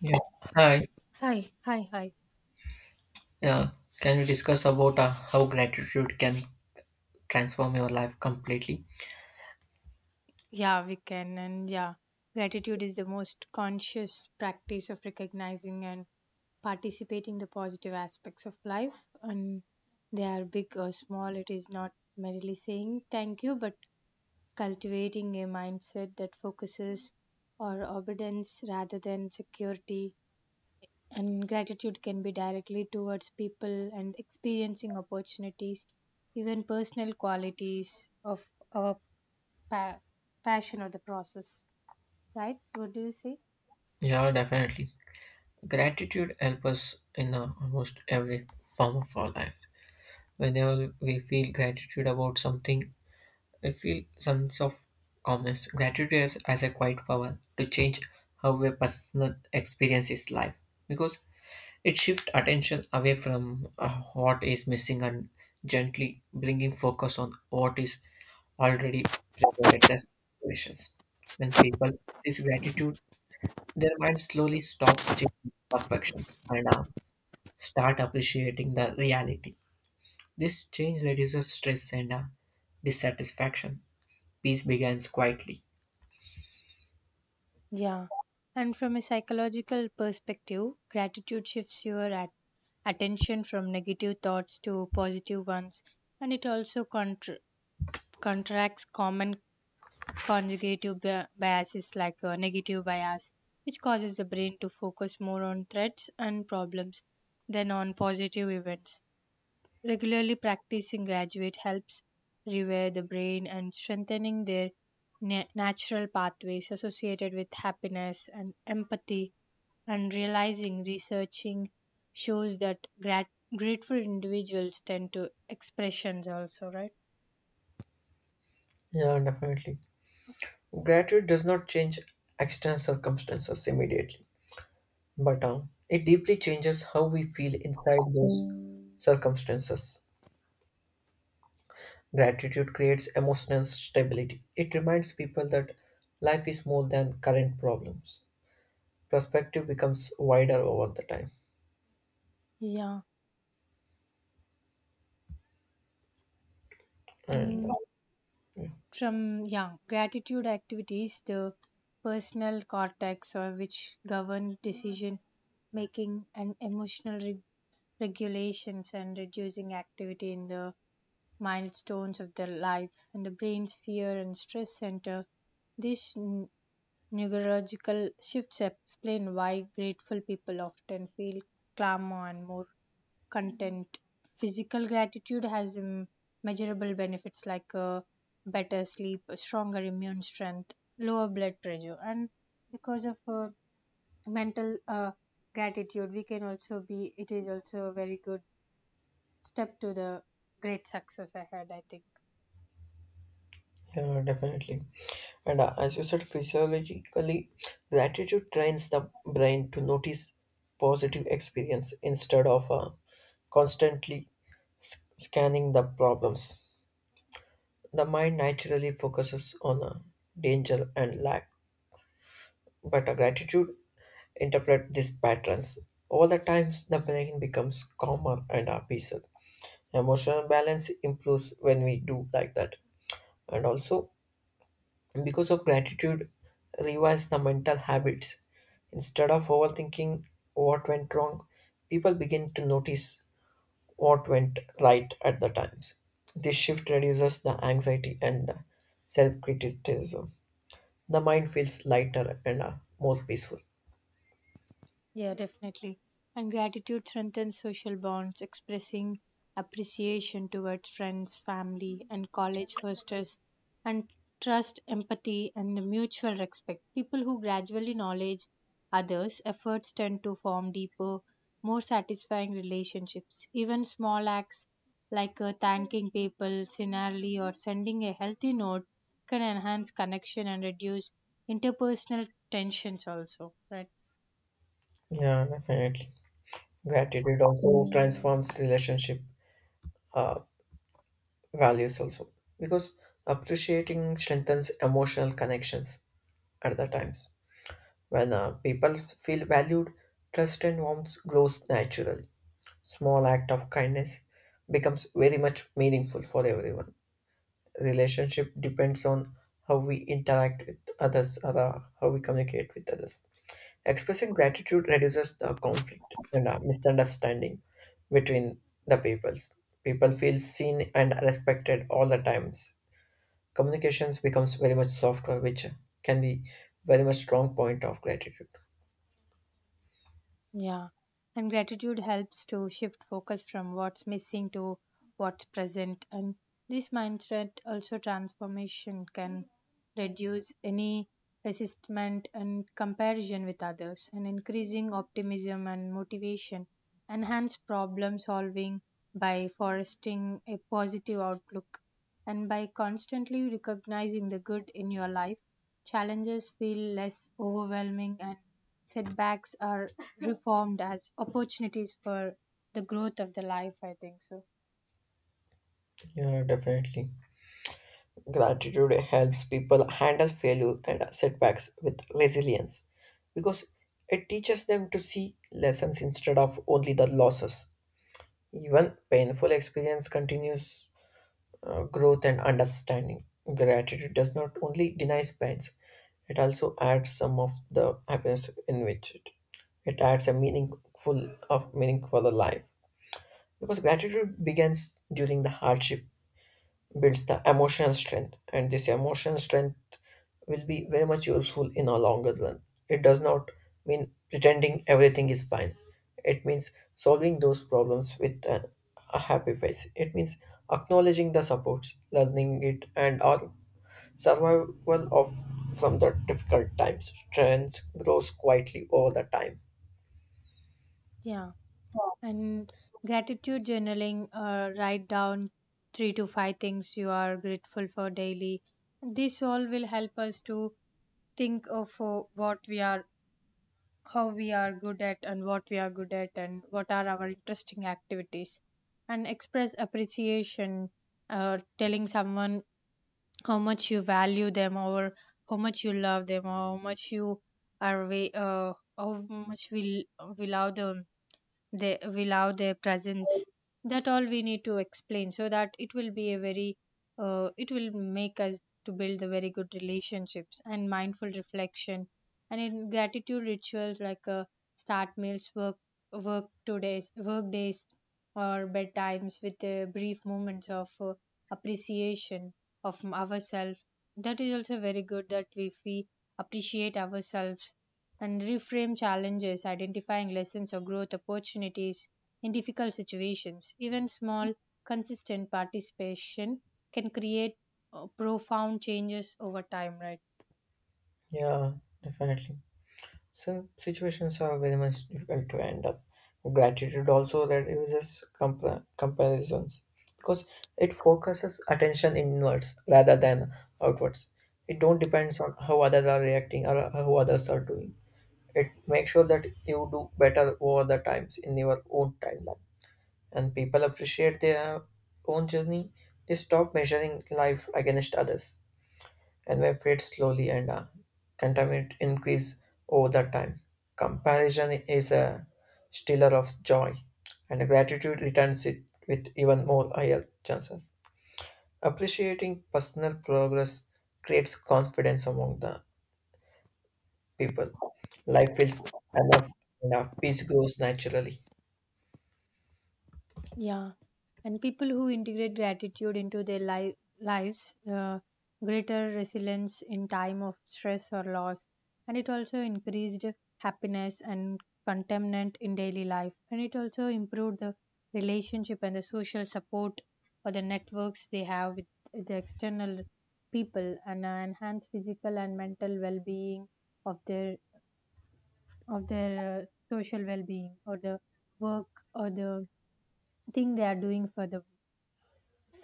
Yeah. Hi. Hi. Yeah. Can we discuss about how gratitude can transform your life completely? Yeah, we can. Gratitude is the most conscious practice of recognizing and participating the positive aspects of life. And they are big or small. It is not merely saying thank you, but cultivating a mindset that focuses on obedience rather than security. And gratitude can be directly towards people and experiencing opportunities, even personal qualities of our pa- passion of the process, right? What do you say? Yeah, definitely. Gratitude helps us in almost every form of our life. Whenever we feel gratitude about something, we feel sense of calmness. Gratitude has a quiet power to change how a person experiences life because it shifts attention away from what is missing and gently bringing focus on what is already presented as situations. When people practice gratitude, their mind slowly stops chasing perfections and start appreciating the reality. This change reduces stress and dissatisfaction. Peace begins quietly. Yeah. And from a psychological perspective, gratitude shifts your attention from negative thoughts to positive ones, and it also contracts common conjugative biases like a negative bias, which causes the brain to focus more on threats and problems than on positive events. Regularly practicing graduate helps rewire the brain and strengthening their natural pathways associated with happiness and empathy and realizing researching shows that grateful individuals tend to expressions also, right? Yeah, definitely. Gratitude does not change external circumstances immediately but it deeply changes how we feel inside those circumstances. Gratitude creates emotional stability. It reminds people that life is more than current problems. Perspective becomes wider over the time. Yeah. And And from yeah gratitude activities the personal cortex or which govern decision making and emotional regulations and reducing activity in the milestones of their life, and the brain's fear and stress center. These neurological shifts explain why grateful people often feel calmer and more content. Physical gratitude has measurable benefits like better sleep, a stronger immune strength, lower blood pressure, and because of mental gratitude, we can also be. It is also a very good step to the great success ahead, I think. yeah, definitely. And as you said, physiologically, gratitude trains the brain to notice positive experience instead of constantly scanning the problems. The mind naturally focuses on danger and lack, but a gratitude interpret these patterns. All the times, the brain becomes calmer and peaceful. Emotional balance improves when we do like that. And also, because of gratitude, revise the mental habits. Instead of overthinking what went wrong, people begin to notice what went right at the times. This shift reduces the anxiety and self criticism. The mind feels lighter and more peaceful. Yeah, definitely. And gratitude strengthens social bonds, expressing appreciation towards friends, family, and college fosters and trust, empathy, and the mutual respect. People who gradually knowledge others' efforts tend to form deeper, more satisfying relationships. Even small acts like thanking people sincerely or sending a healthy note can enhance connection and reduce interpersonal tensions also, right? Yeah, definitely. Gratitude also transforms relationship values also because appreciating strengthens emotional connections at the times when people feel valued, trust and warmth grows naturally. Small act of kindness becomes very much meaningful for everyone. Relationship depends on how we interact with others or how we communicate with others. Expressing gratitude reduces the conflict and misunderstanding between the peoples. People feel seen and respected all the times. Communications becomes very much softer, which can be very much strong point of gratitude. Yeah, and gratitude helps to shift focus from what's missing to what's present. And this mindset also transformation can reduce any resistment and comparison with others and increasing optimism and motivation, enhance problem solving by fostering a positive outlook, and by constantly recognizing the good in your life, challenges feel less overwhelming and setbacks are reformed as opportunities for the growth of the life, I think so. Yeah, definitely. Gratitude helps people handle failure and setbacks with resilience because it teaches them to see lessons instead of only the losses. Even painful experience continues growth and understanding. Gratitude does not only denies pains, it also adds some of the happiness in which it adds a meaningful of meaning for the life. Because gratitude begins during the hardship builds the emotional strength, and this emotional strength will be very much useful in a longer run. It does not mean pretending everything is fine. It means solving those problems with a happy face. It means acknowledging the supports learning it and our survival of from the difficult times. Strength grows quietly over the time. Yeah, and gratitude journaling, write down three to five things you are grateful for daily. This all will help us to think of what we are, how we are good at and what we are good at and what are our interesting activities, and express appreciation or telling someone how much you value them or how much you love them or how much you are we how much we love them. They will allow their presence, that all we need to explain, so that it will be a very it will make us to build the very good relationships and mindful reflection and in gratitude rituals like start meals work today's work days or bedtimes with brief moments of appreciation of ourselves. That is also very good, that if we appreciate ourselves and reframe challenges, identifying lessons or growth opportunities in difficult situations. Even small, consistent participation can create profound changes over time, right? Yeah, definitely. Some situations are very much difficult to end up. Gratitude also reduces comparisons because it focuses attention inwards rather than outwards. It don't depends on how others are reacting or how others are doing. It makes sure that you do better over the times in your own timeline. And people appreciate their own journey. They stop measuring life against others, and may fade slowly and contaminant increase over the time. Comparison is a stealer of joy, and gratitude returns it with even more higher chances. Appreciating personal progress creates confidence among the people. Life feels enough, and our peace grows naturally. Yeah. And people who integrate gratitude into their lives, greater resilience in time of stress or loss, and it also increased happiness and contentment in daily life, and it also improved the relationship and the social support or the networks they have with the external people, and enhance physical and mental well-being of their uh, social well-being or the work or the thing they are doing for the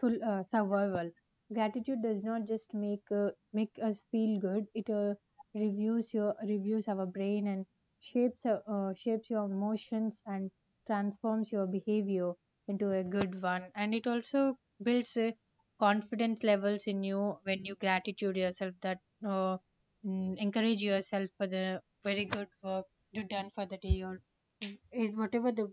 full survival. Gratitude does not just make make us feel good; it reviews our brain and shapes shapes your emotions and transforms your behavior into a good one. And it also builds confidence levels in you when you gratitude yourself, that uh, encourage yourself for the very good work you done for the day, or is whatever the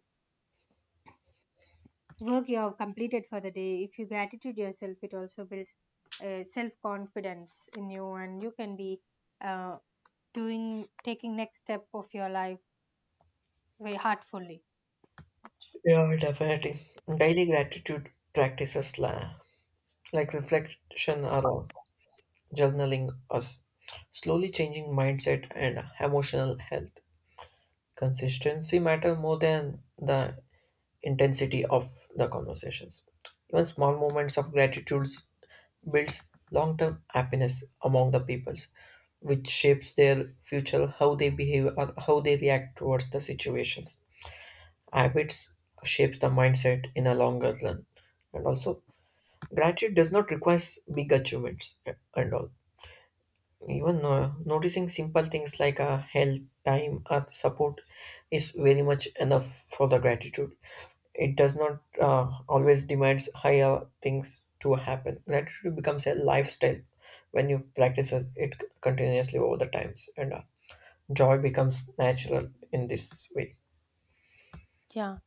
work you have completed for the day. If you gratitude yourself, it also builds self confidence in you, and you can be uh, doing taking next step of your life very heartfully. Yeah, definitely. Daily gratitude practices like reflection are journaling us slowly changing mindset and emotional health. Consistency matter more than the intensity of the conversations. Even small moments of gratitude builds long-term happiness among the peoples, which shapes their future how they behave or how they react towards the situations. Habits shapes the mindset in a longer run. And also gratitude does not require big achievements and all. Even noticing simple things like health, time, or support is very much enough for the gratitude. It does not always demands higher things to happen. Gratitude becomes a lifestyle when you practice it continuously over the times, and joy becomes natural in this way. Yeah,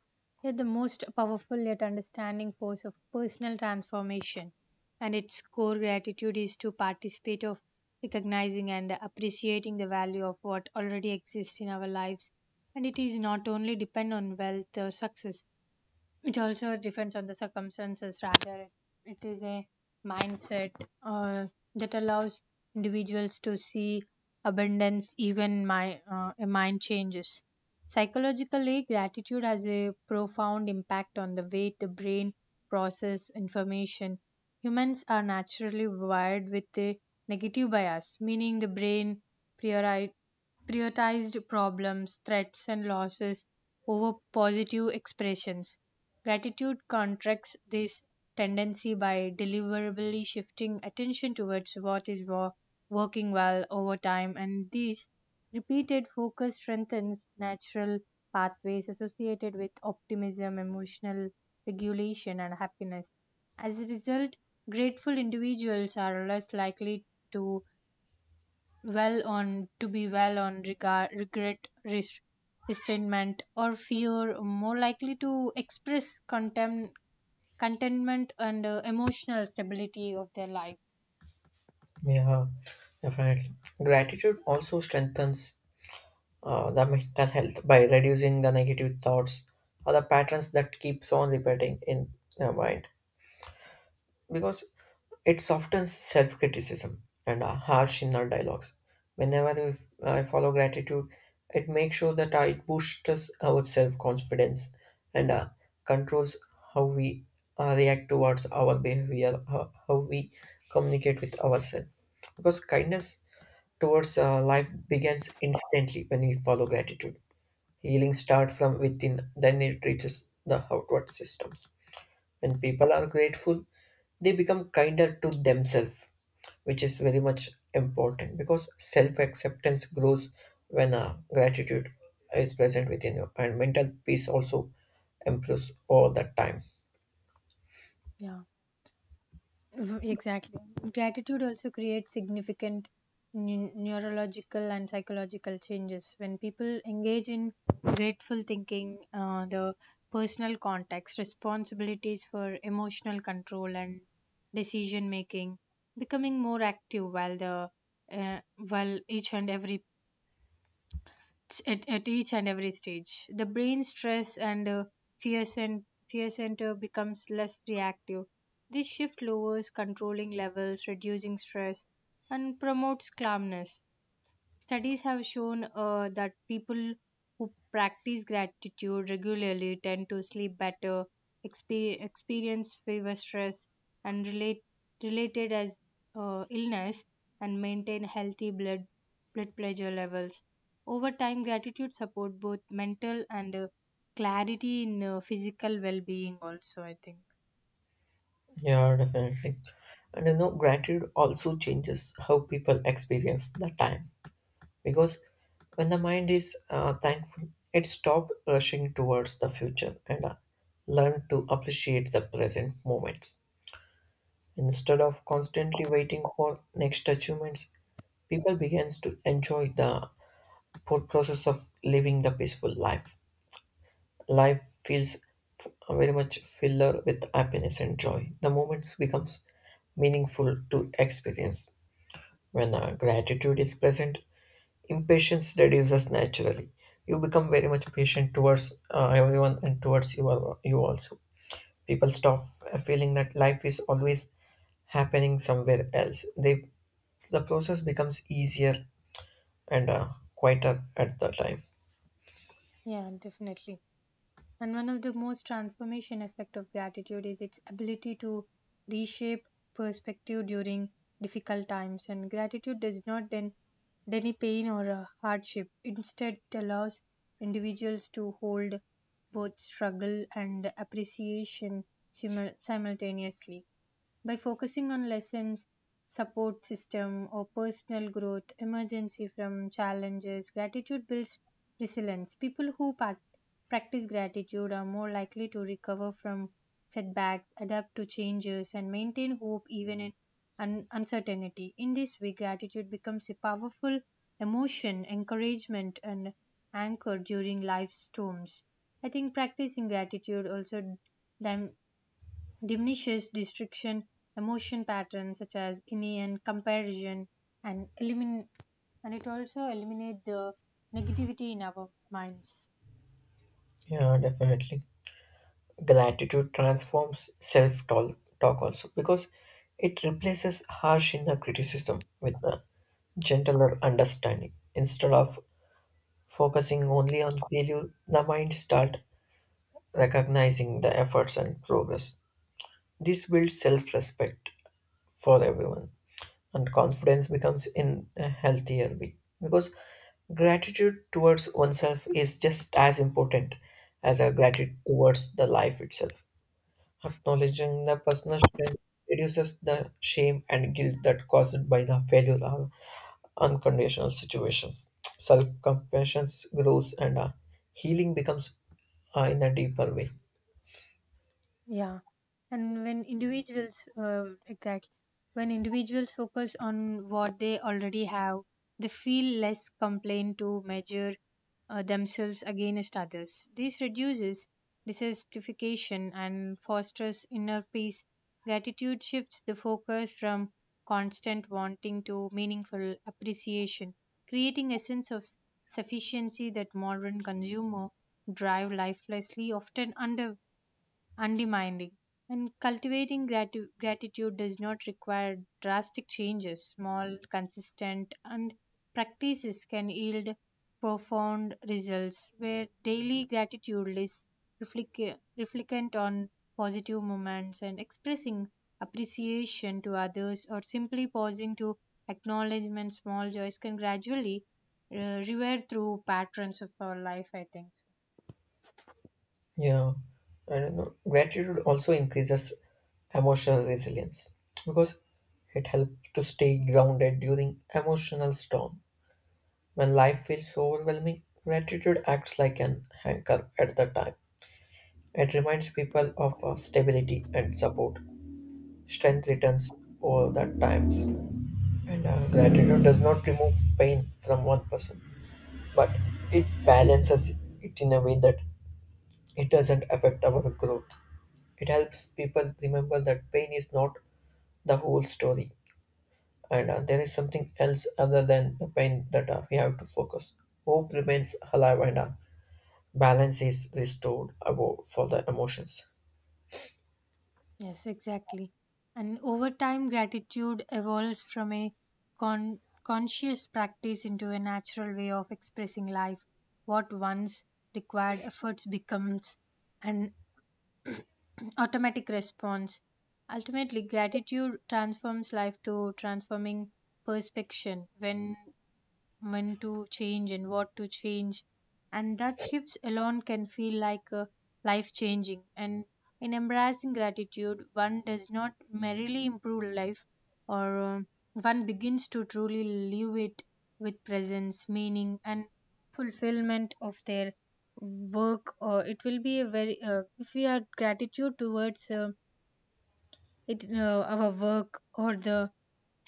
yet the most powerful yet understanding force of personal transformation, and its core gratitude is to participate of recognizing and appreciating the value of what already exists in our lives, and it is not only depend on wealth or success, it also depends on the circumstances. Rather, it is a mindset, uh, that allows individuals to see abundance even my a mind changes. Psychologically, gratitude has a profound impact on the way the brain process information. Humans are naturally wired with a negative bias, meaning the brain priori- prioritized problems, threats, and losses over positive expressions. Gratitude contracts this tendency by deliberately shifting attention towards what is working well over time, and this repeated focus strengthens natural pathways associated with optimism, emotional regulation, and happiness. As a result, grateful individuals are less likely to well on to be well on regard, regret, res- resentment, or fear, more likely to express contempt contentment and emotional stability of their life. Yeah, definitely. Gratitude also strengthens the mental health by reducing the negative thoughts or the patterns that keeps on repeating in the mind because it softens self-criticism and harsh inner dialogues. Whenever if I follow gratitude, it makes sure that it boosts our self-confidence and controls how we react towards our behavior. How we communicate with ourselves, because kindness towards life begins instantly when we follow gratitude. Healing starts from within, then it reaches the outward systems. When people are grateful, they become kinder to themselves, which is very much important because self acceptance grows when gratitude is present within you, and mental peace also improves all the time. Yeah, exactly. Gratitude also creates significant neurological and psychological changes. When people engage in grateful thinking, the personal context, responsibilities for emotional control and decision making, becoming more active while the uh, while each and every at each and every stage, the brain stress and fear center becomes less reactive. This shift lowers controlling levels, reducing stress, and promotes calmness. Studies have shown that people who practice gratitude regularly tend to sleep better, experience fewer stress, and related as illness, and maintain healthy blood pressure levels. Over time, gratitude support both mental and clarity in physical well-being also, I think. Yeah, definitely. And you know, gratitude also changes how people experience the time because when the mind is thankful, it stops rushing towards the future and learn to appreciate the present moments. Instead of constantly waiting for next achievements, people begins to enjoy the full process of living the peaceful life. Life feels very much filler with happiness and joy. The moments becomes meaningful to experience when gratitude is present. Impatience reduces naturally. You become very much patient towards everyone and towards you, you also. People stop feeling that life is always happening somewhere else. They, the process becomes easier and quieter at the time. Yeah, definitely. And one of the most transformation effect of gratitude is its ability to reshape perspective during difficult times. And gratitude does not then deny pain or hardship. Instead, it allows individuals to hold both struggle and appreciation simultaneously. By focusing on lessons, support system, or personal growth, emergency from challenges, gratitude builds resilience. People who practice gratitude are more likely to recover from setbacks, adapt to changes, and maintain hope even in uncertainty. In this way, gratitude becomes a powerful emotion, encouragement, and anchor during life's storms. I think practicing gratitude also dim- diminishes distraction, emotion patterns such as envy, comparison, and elimin and it also eliminates the negativity in our minds. Yeah, definitely. Gratitude transforms self talk also because it replaces harsh inner criticism with a gentler understanding. Instead of focusing only on failure, the mind start recognizing the efforts and progress. This builds self respect for everyone, and confidence becomes in a healthier way because gratitude towards oneself is just as important as a gratitude towards the life itself. Acknowledging the personal strength reduces the shame and guilt that caused by the failure or unconditional situations. Self compassion grows, and healing becomes in a deeper way. Yeah, and when individuals, exactly, when individuals focus on what they already have, they feel less complained to measure themselves against others. This reduces dissatisfaction and fosters inner peace. Gratitude shifts the focus from constant wanting to meaningful appreciation, creating a sense of sufficiency that modern consumer drive lifelessly often undervalues undemanding. And cultivating gratitude does not require drastic changes. Small, consistent, and practices can yield profound results, where daily gratitude is reflectant on positive moments and expressing appreciation to others or simply pausing to acknowledgement small joys can gradually revert through patterns of our life, I think. Yeah, I don't know. Gratitude also increases emotional resilience because it helps to stay grounded during emotional storm. When life feels overwhelming, gratitude acts like an anchor at the time. It reminds people of stability and support. Strength returns over the times, and gratitude does not remove pain from one person, but it balances it in a way that it doesn't affect our growth. It helps people remember that pain is not the whole story, and there is something else other than the pain that we have to focus. Hope remains alive, and balance is restored above for the emotions. Yes, exactly. And over time, gratitude evolves from a conscious practice into a natural way of expressing life. What once required efforts becomes an automatic response. Ultimately, gratitude transforms life to transforming perspection. When to change and what to change, and that shifts alone can feel like a life changing, and in embracing gratitude one does not merely improve life, or one begins to truly live it with presence, meaning, and fulfillment of their work. Or it will be a very if we are gratitude towards it our work or the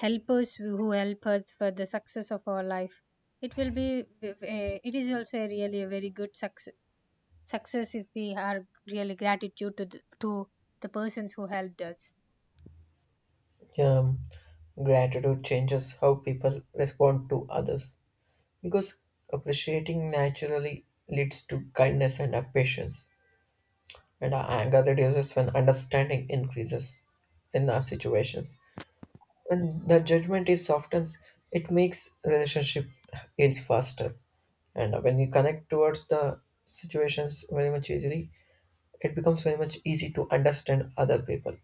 helpers who help us for the success of our life, it will be it is also a really a very good success if we are really gratitude to to the persons who helped us. Um, gratitude changes how people respond to others because appreciating naturally leads to kindness and patience, and anger reduces when understanding increases in our situations. When the judgment is softens, it makes relationship ends faster. And when you connect towards the situations very much easily, it becomes very much easy to understand other people.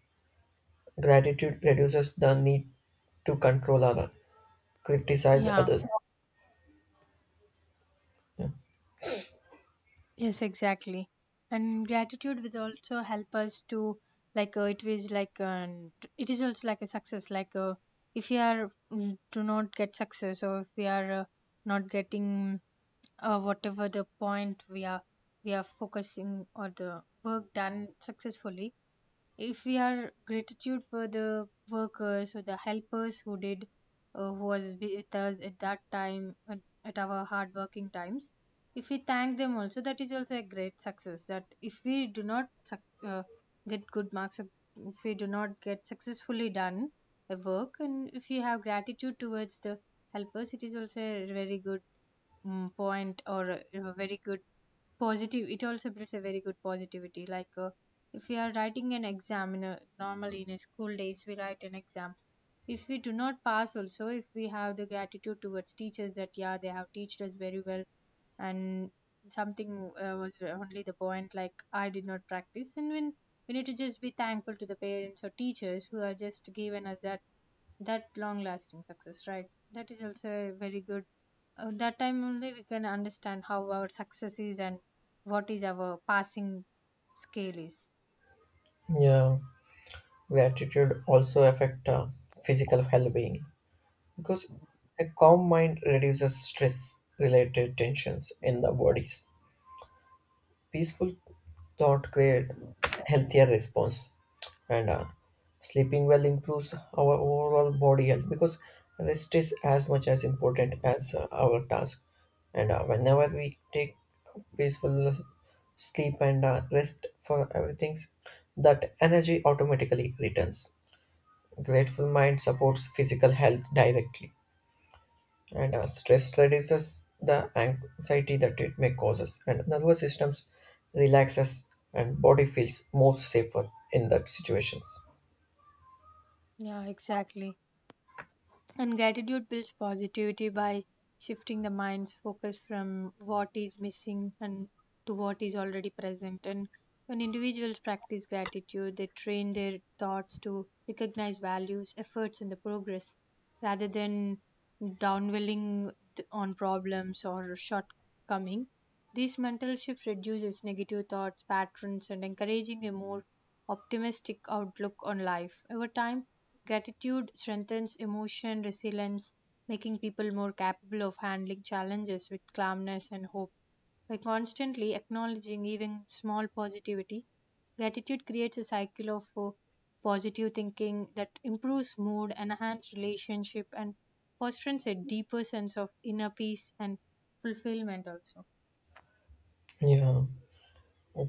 Gratitude reduces the need to control or criticize Yeah, others. Yeah. yes, exactly. And gratitude will also help us to, like it is like it is also like a success. Like if we are to not get success, or if we are not getting whatever the point we are focusing, or the work done successfully, if we are gratitude for the workers or the helpers who did who was with us at that time at our hard working times, if we thank them also, that is also a great success. That if we do not uh, get good marks, or if we do not get successfully done a work, and if we have gratitude towards the helpers, it is also a very good point, or a very good positive. It also brings a very good positivity. Like if we are writing an exam in a, normally in a school days, we write an exam. If we do not pass also, if we have the gratitude towards teachers, that yeah, they have taught us very well. And something was only the point, like I did not practice. And when we need to just be thankful to the parents or teachers who are just given us that, that long lasting success, right? That is also a very good. That time only we can understand how our success is and what is our passing scale is. Yeah. Gratitude also affect physical well-being because a calm mind reduces stress-related tensions in the bodies. Peaceful thought creates healthier response, and sleeping well improves our overall body health because rest is as much as important as our task. And whenever we take peaceful sleep and rest for everything, that energy automatically returns. Grateful mind supports physical health directly, and stress reduces the anxiety that it may causes, and nervous systems relaxes, and body feels more safer in that situations. Yeah, exactly. And gratitude builds positivity by shifting the mind's focus from what is missing and to what is already present. And when individuals practice gratitude, they train their thoughts to recognize values, efforts, and the progress, rather than on problems or shortcoming. This mental shift reduces negative thoughts, patterns, and encouraging a more optimistic outlook on life. Over time, gratitude strengthens emotion resilience, making people more capable of handling challenges with calmness and hope. By constantly acknowledging even small positivity, gratitude creates a cycle of positive thinking that improves mood, enhances relationship, and fosters a deeper sense of inner peace and fulfillment also. Yeah.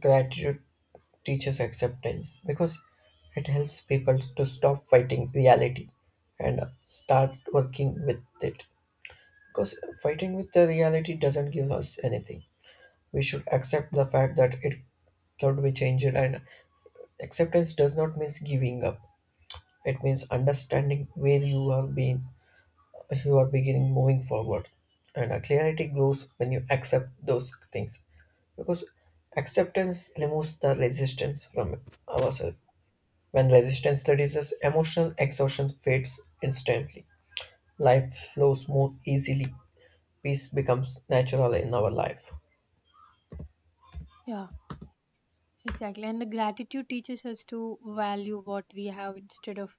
Gratitude teaches acceptance because it helps people to stop fighting reality and start working with it, because fighting with the reality doesn't give us anything. We should accept the fact that it could be changed. And acceptance does not mean giving up. It means understanding where you are being, you are beginning moving forward. And a clarity grows when you accept those things because acceptance removes the resistance from ourselves. When resistance reduces, emotional exhaustion fades instantly. Life flows more easily. Peace becomes natural in our life. Yeah. Exactly. And the gratitude teaches us to value what we have instead of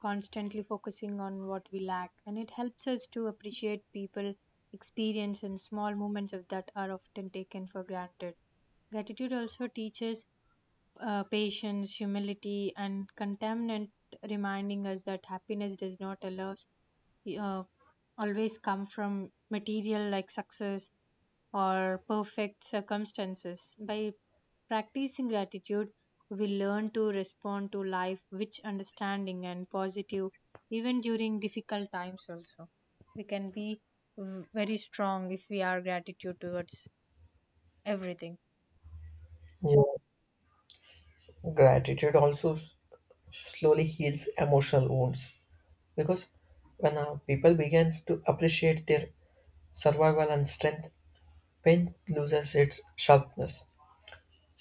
constantly focusing on what we lack. And it helps us to appreciate people, experience, and small moments of that are often taken for granted. Gratitude also teaches patience, humility, and contentment, reminding us that happiness does not allow, uh, always come from material like success or perfect circumstances. By practicing gratitude, we learn to respond to life with understanding and positive, even during difficult times, also. We can be very strong if we are gratitude towards everything. Yeah. Gratitude also slowly heals emotional wounds because when our people begins to appreciate their survival and strength, pain loses its sharpness.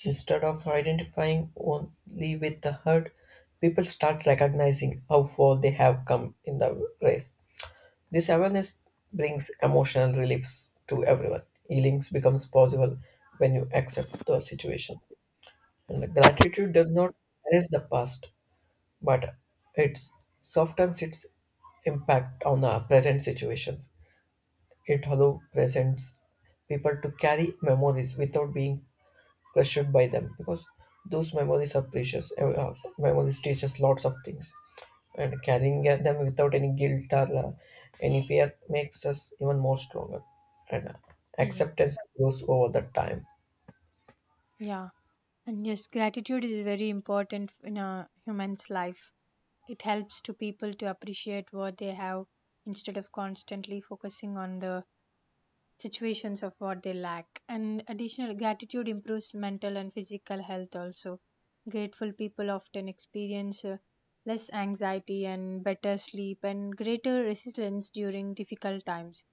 Instead of identifying only with the hurt, people start recognizing how far they have come in the race. This awareness brings emotional reliefs to everyone. Healing becomes possible when you accept the situation. And gratitude does not erase the past, but it softens its impact on the present situations. It allows present people to carry memories without being crushed by them because those memories are precious. Memories teach us lots of things, and carrying them without any guilt or any fear makes us even more stronger. And Yeah, acceptance grows over the time. yeah. And yes, gratitude is very important in a human's life. It helps to people to appreciate what they have instead of constantly focusing on the situations of what they lack. And additional gratitude improves mental and physical health also. Grateful people often experience less anxiety and better sleep and greater resilience during difficult times.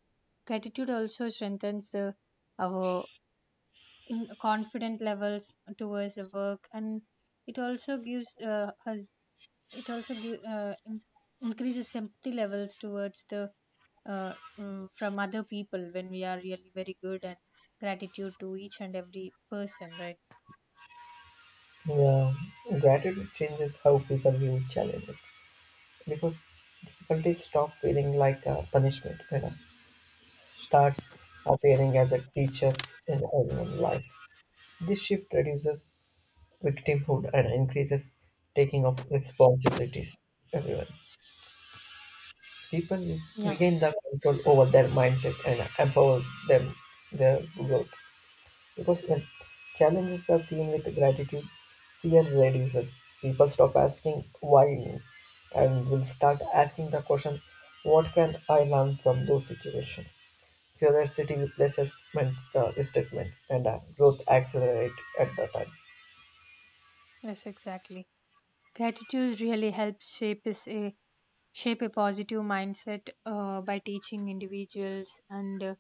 Gratitude also strengthens our in confident levels towards the work. And it also gives us, it also give, in- increases empathy levels towards the uh, from other people, when we are really very good and gratitude to each and every person, right? Yeah, gratitude changes how people view challenges because difficulties stop feeling like a punishment and starts appearing as a teachers in everyone's life. This shift reduces victimhood and increases taking of responsibilities. Everyone, Yeah, regain the control over their mindset and empower them their growth. Because when challenges are seen with gratitude, fear reduces. People stop asking why me, and will start asking the question, what can I learn from those situations? Curiosity replaces resentment, and growth accelerate at the time. yes, exactly. Gratitude really helps shape a positive mindset, by teaching individuals. And uh,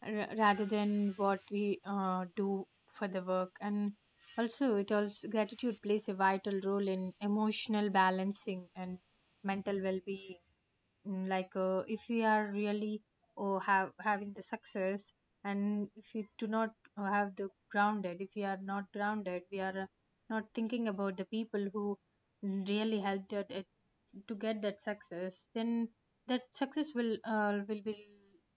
r- rather than what we do for the work. And also, it also, gratitude plays a vital role in emotional balancing and mental well-being. Like if we are really oh, have having the success, and if we do not have the grounded, if we are not grounded, we are not thinking about the people who really helped at it to get that success, then that success will be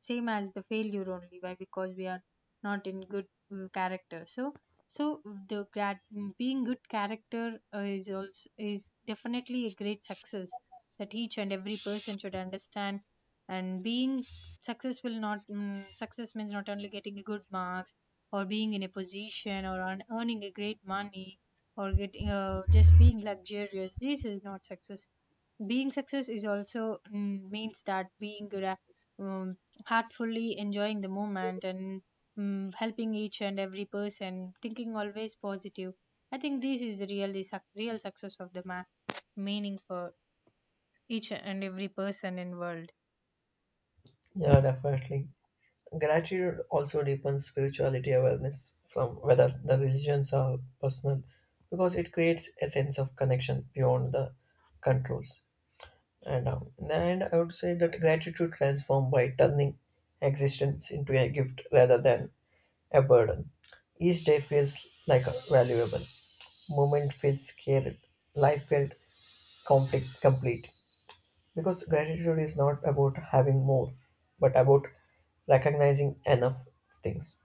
same as the failure only. Why? Because we are not in good character. So the grad, being good character is also is definitely a great success that each and every person should understand. And being successful, not success means not only getting a good marks, or being in a position, or earning a great money, or getting just being luxurious, this is not success. Being success is also means that um, heartfully enjoying the moment and helping each and every person, thinking always positive. I think this is the real success of the man meaning, for each and every person in world. Yeah, definitely. Gratitude also deepens spirituality awareness from whether the religions are personal because it creates a sense of connection beyond the controls. And I would say that gratitude transforms by turning existence into a gift rather than a burden. Each day feels like a valuable moment, feels scared, life felt complete. Because gratitude is not about having more, but about recognizing enough things.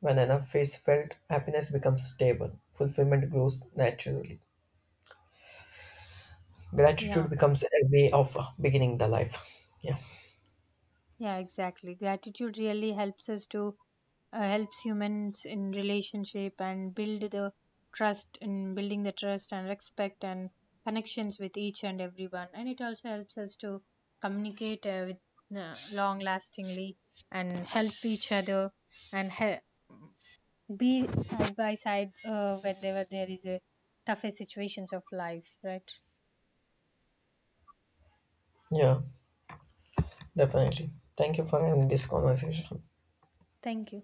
When enough is felt, happiness becomes stable, fulfillment grows naturally. Gratitude Yeah, becomes a way of beginning the life. Yeah, yeah, exactly. Gratitude really helps us to helps humans in relationship and build the trust, in building the trust and respect and connections with each and everyone. And it also helps us to communicate with long lastingly, and help each other, and be side by side, whenever there is a tougher situations of life. Right. yeah, definitely. Thank you for having this conversation. Thank you.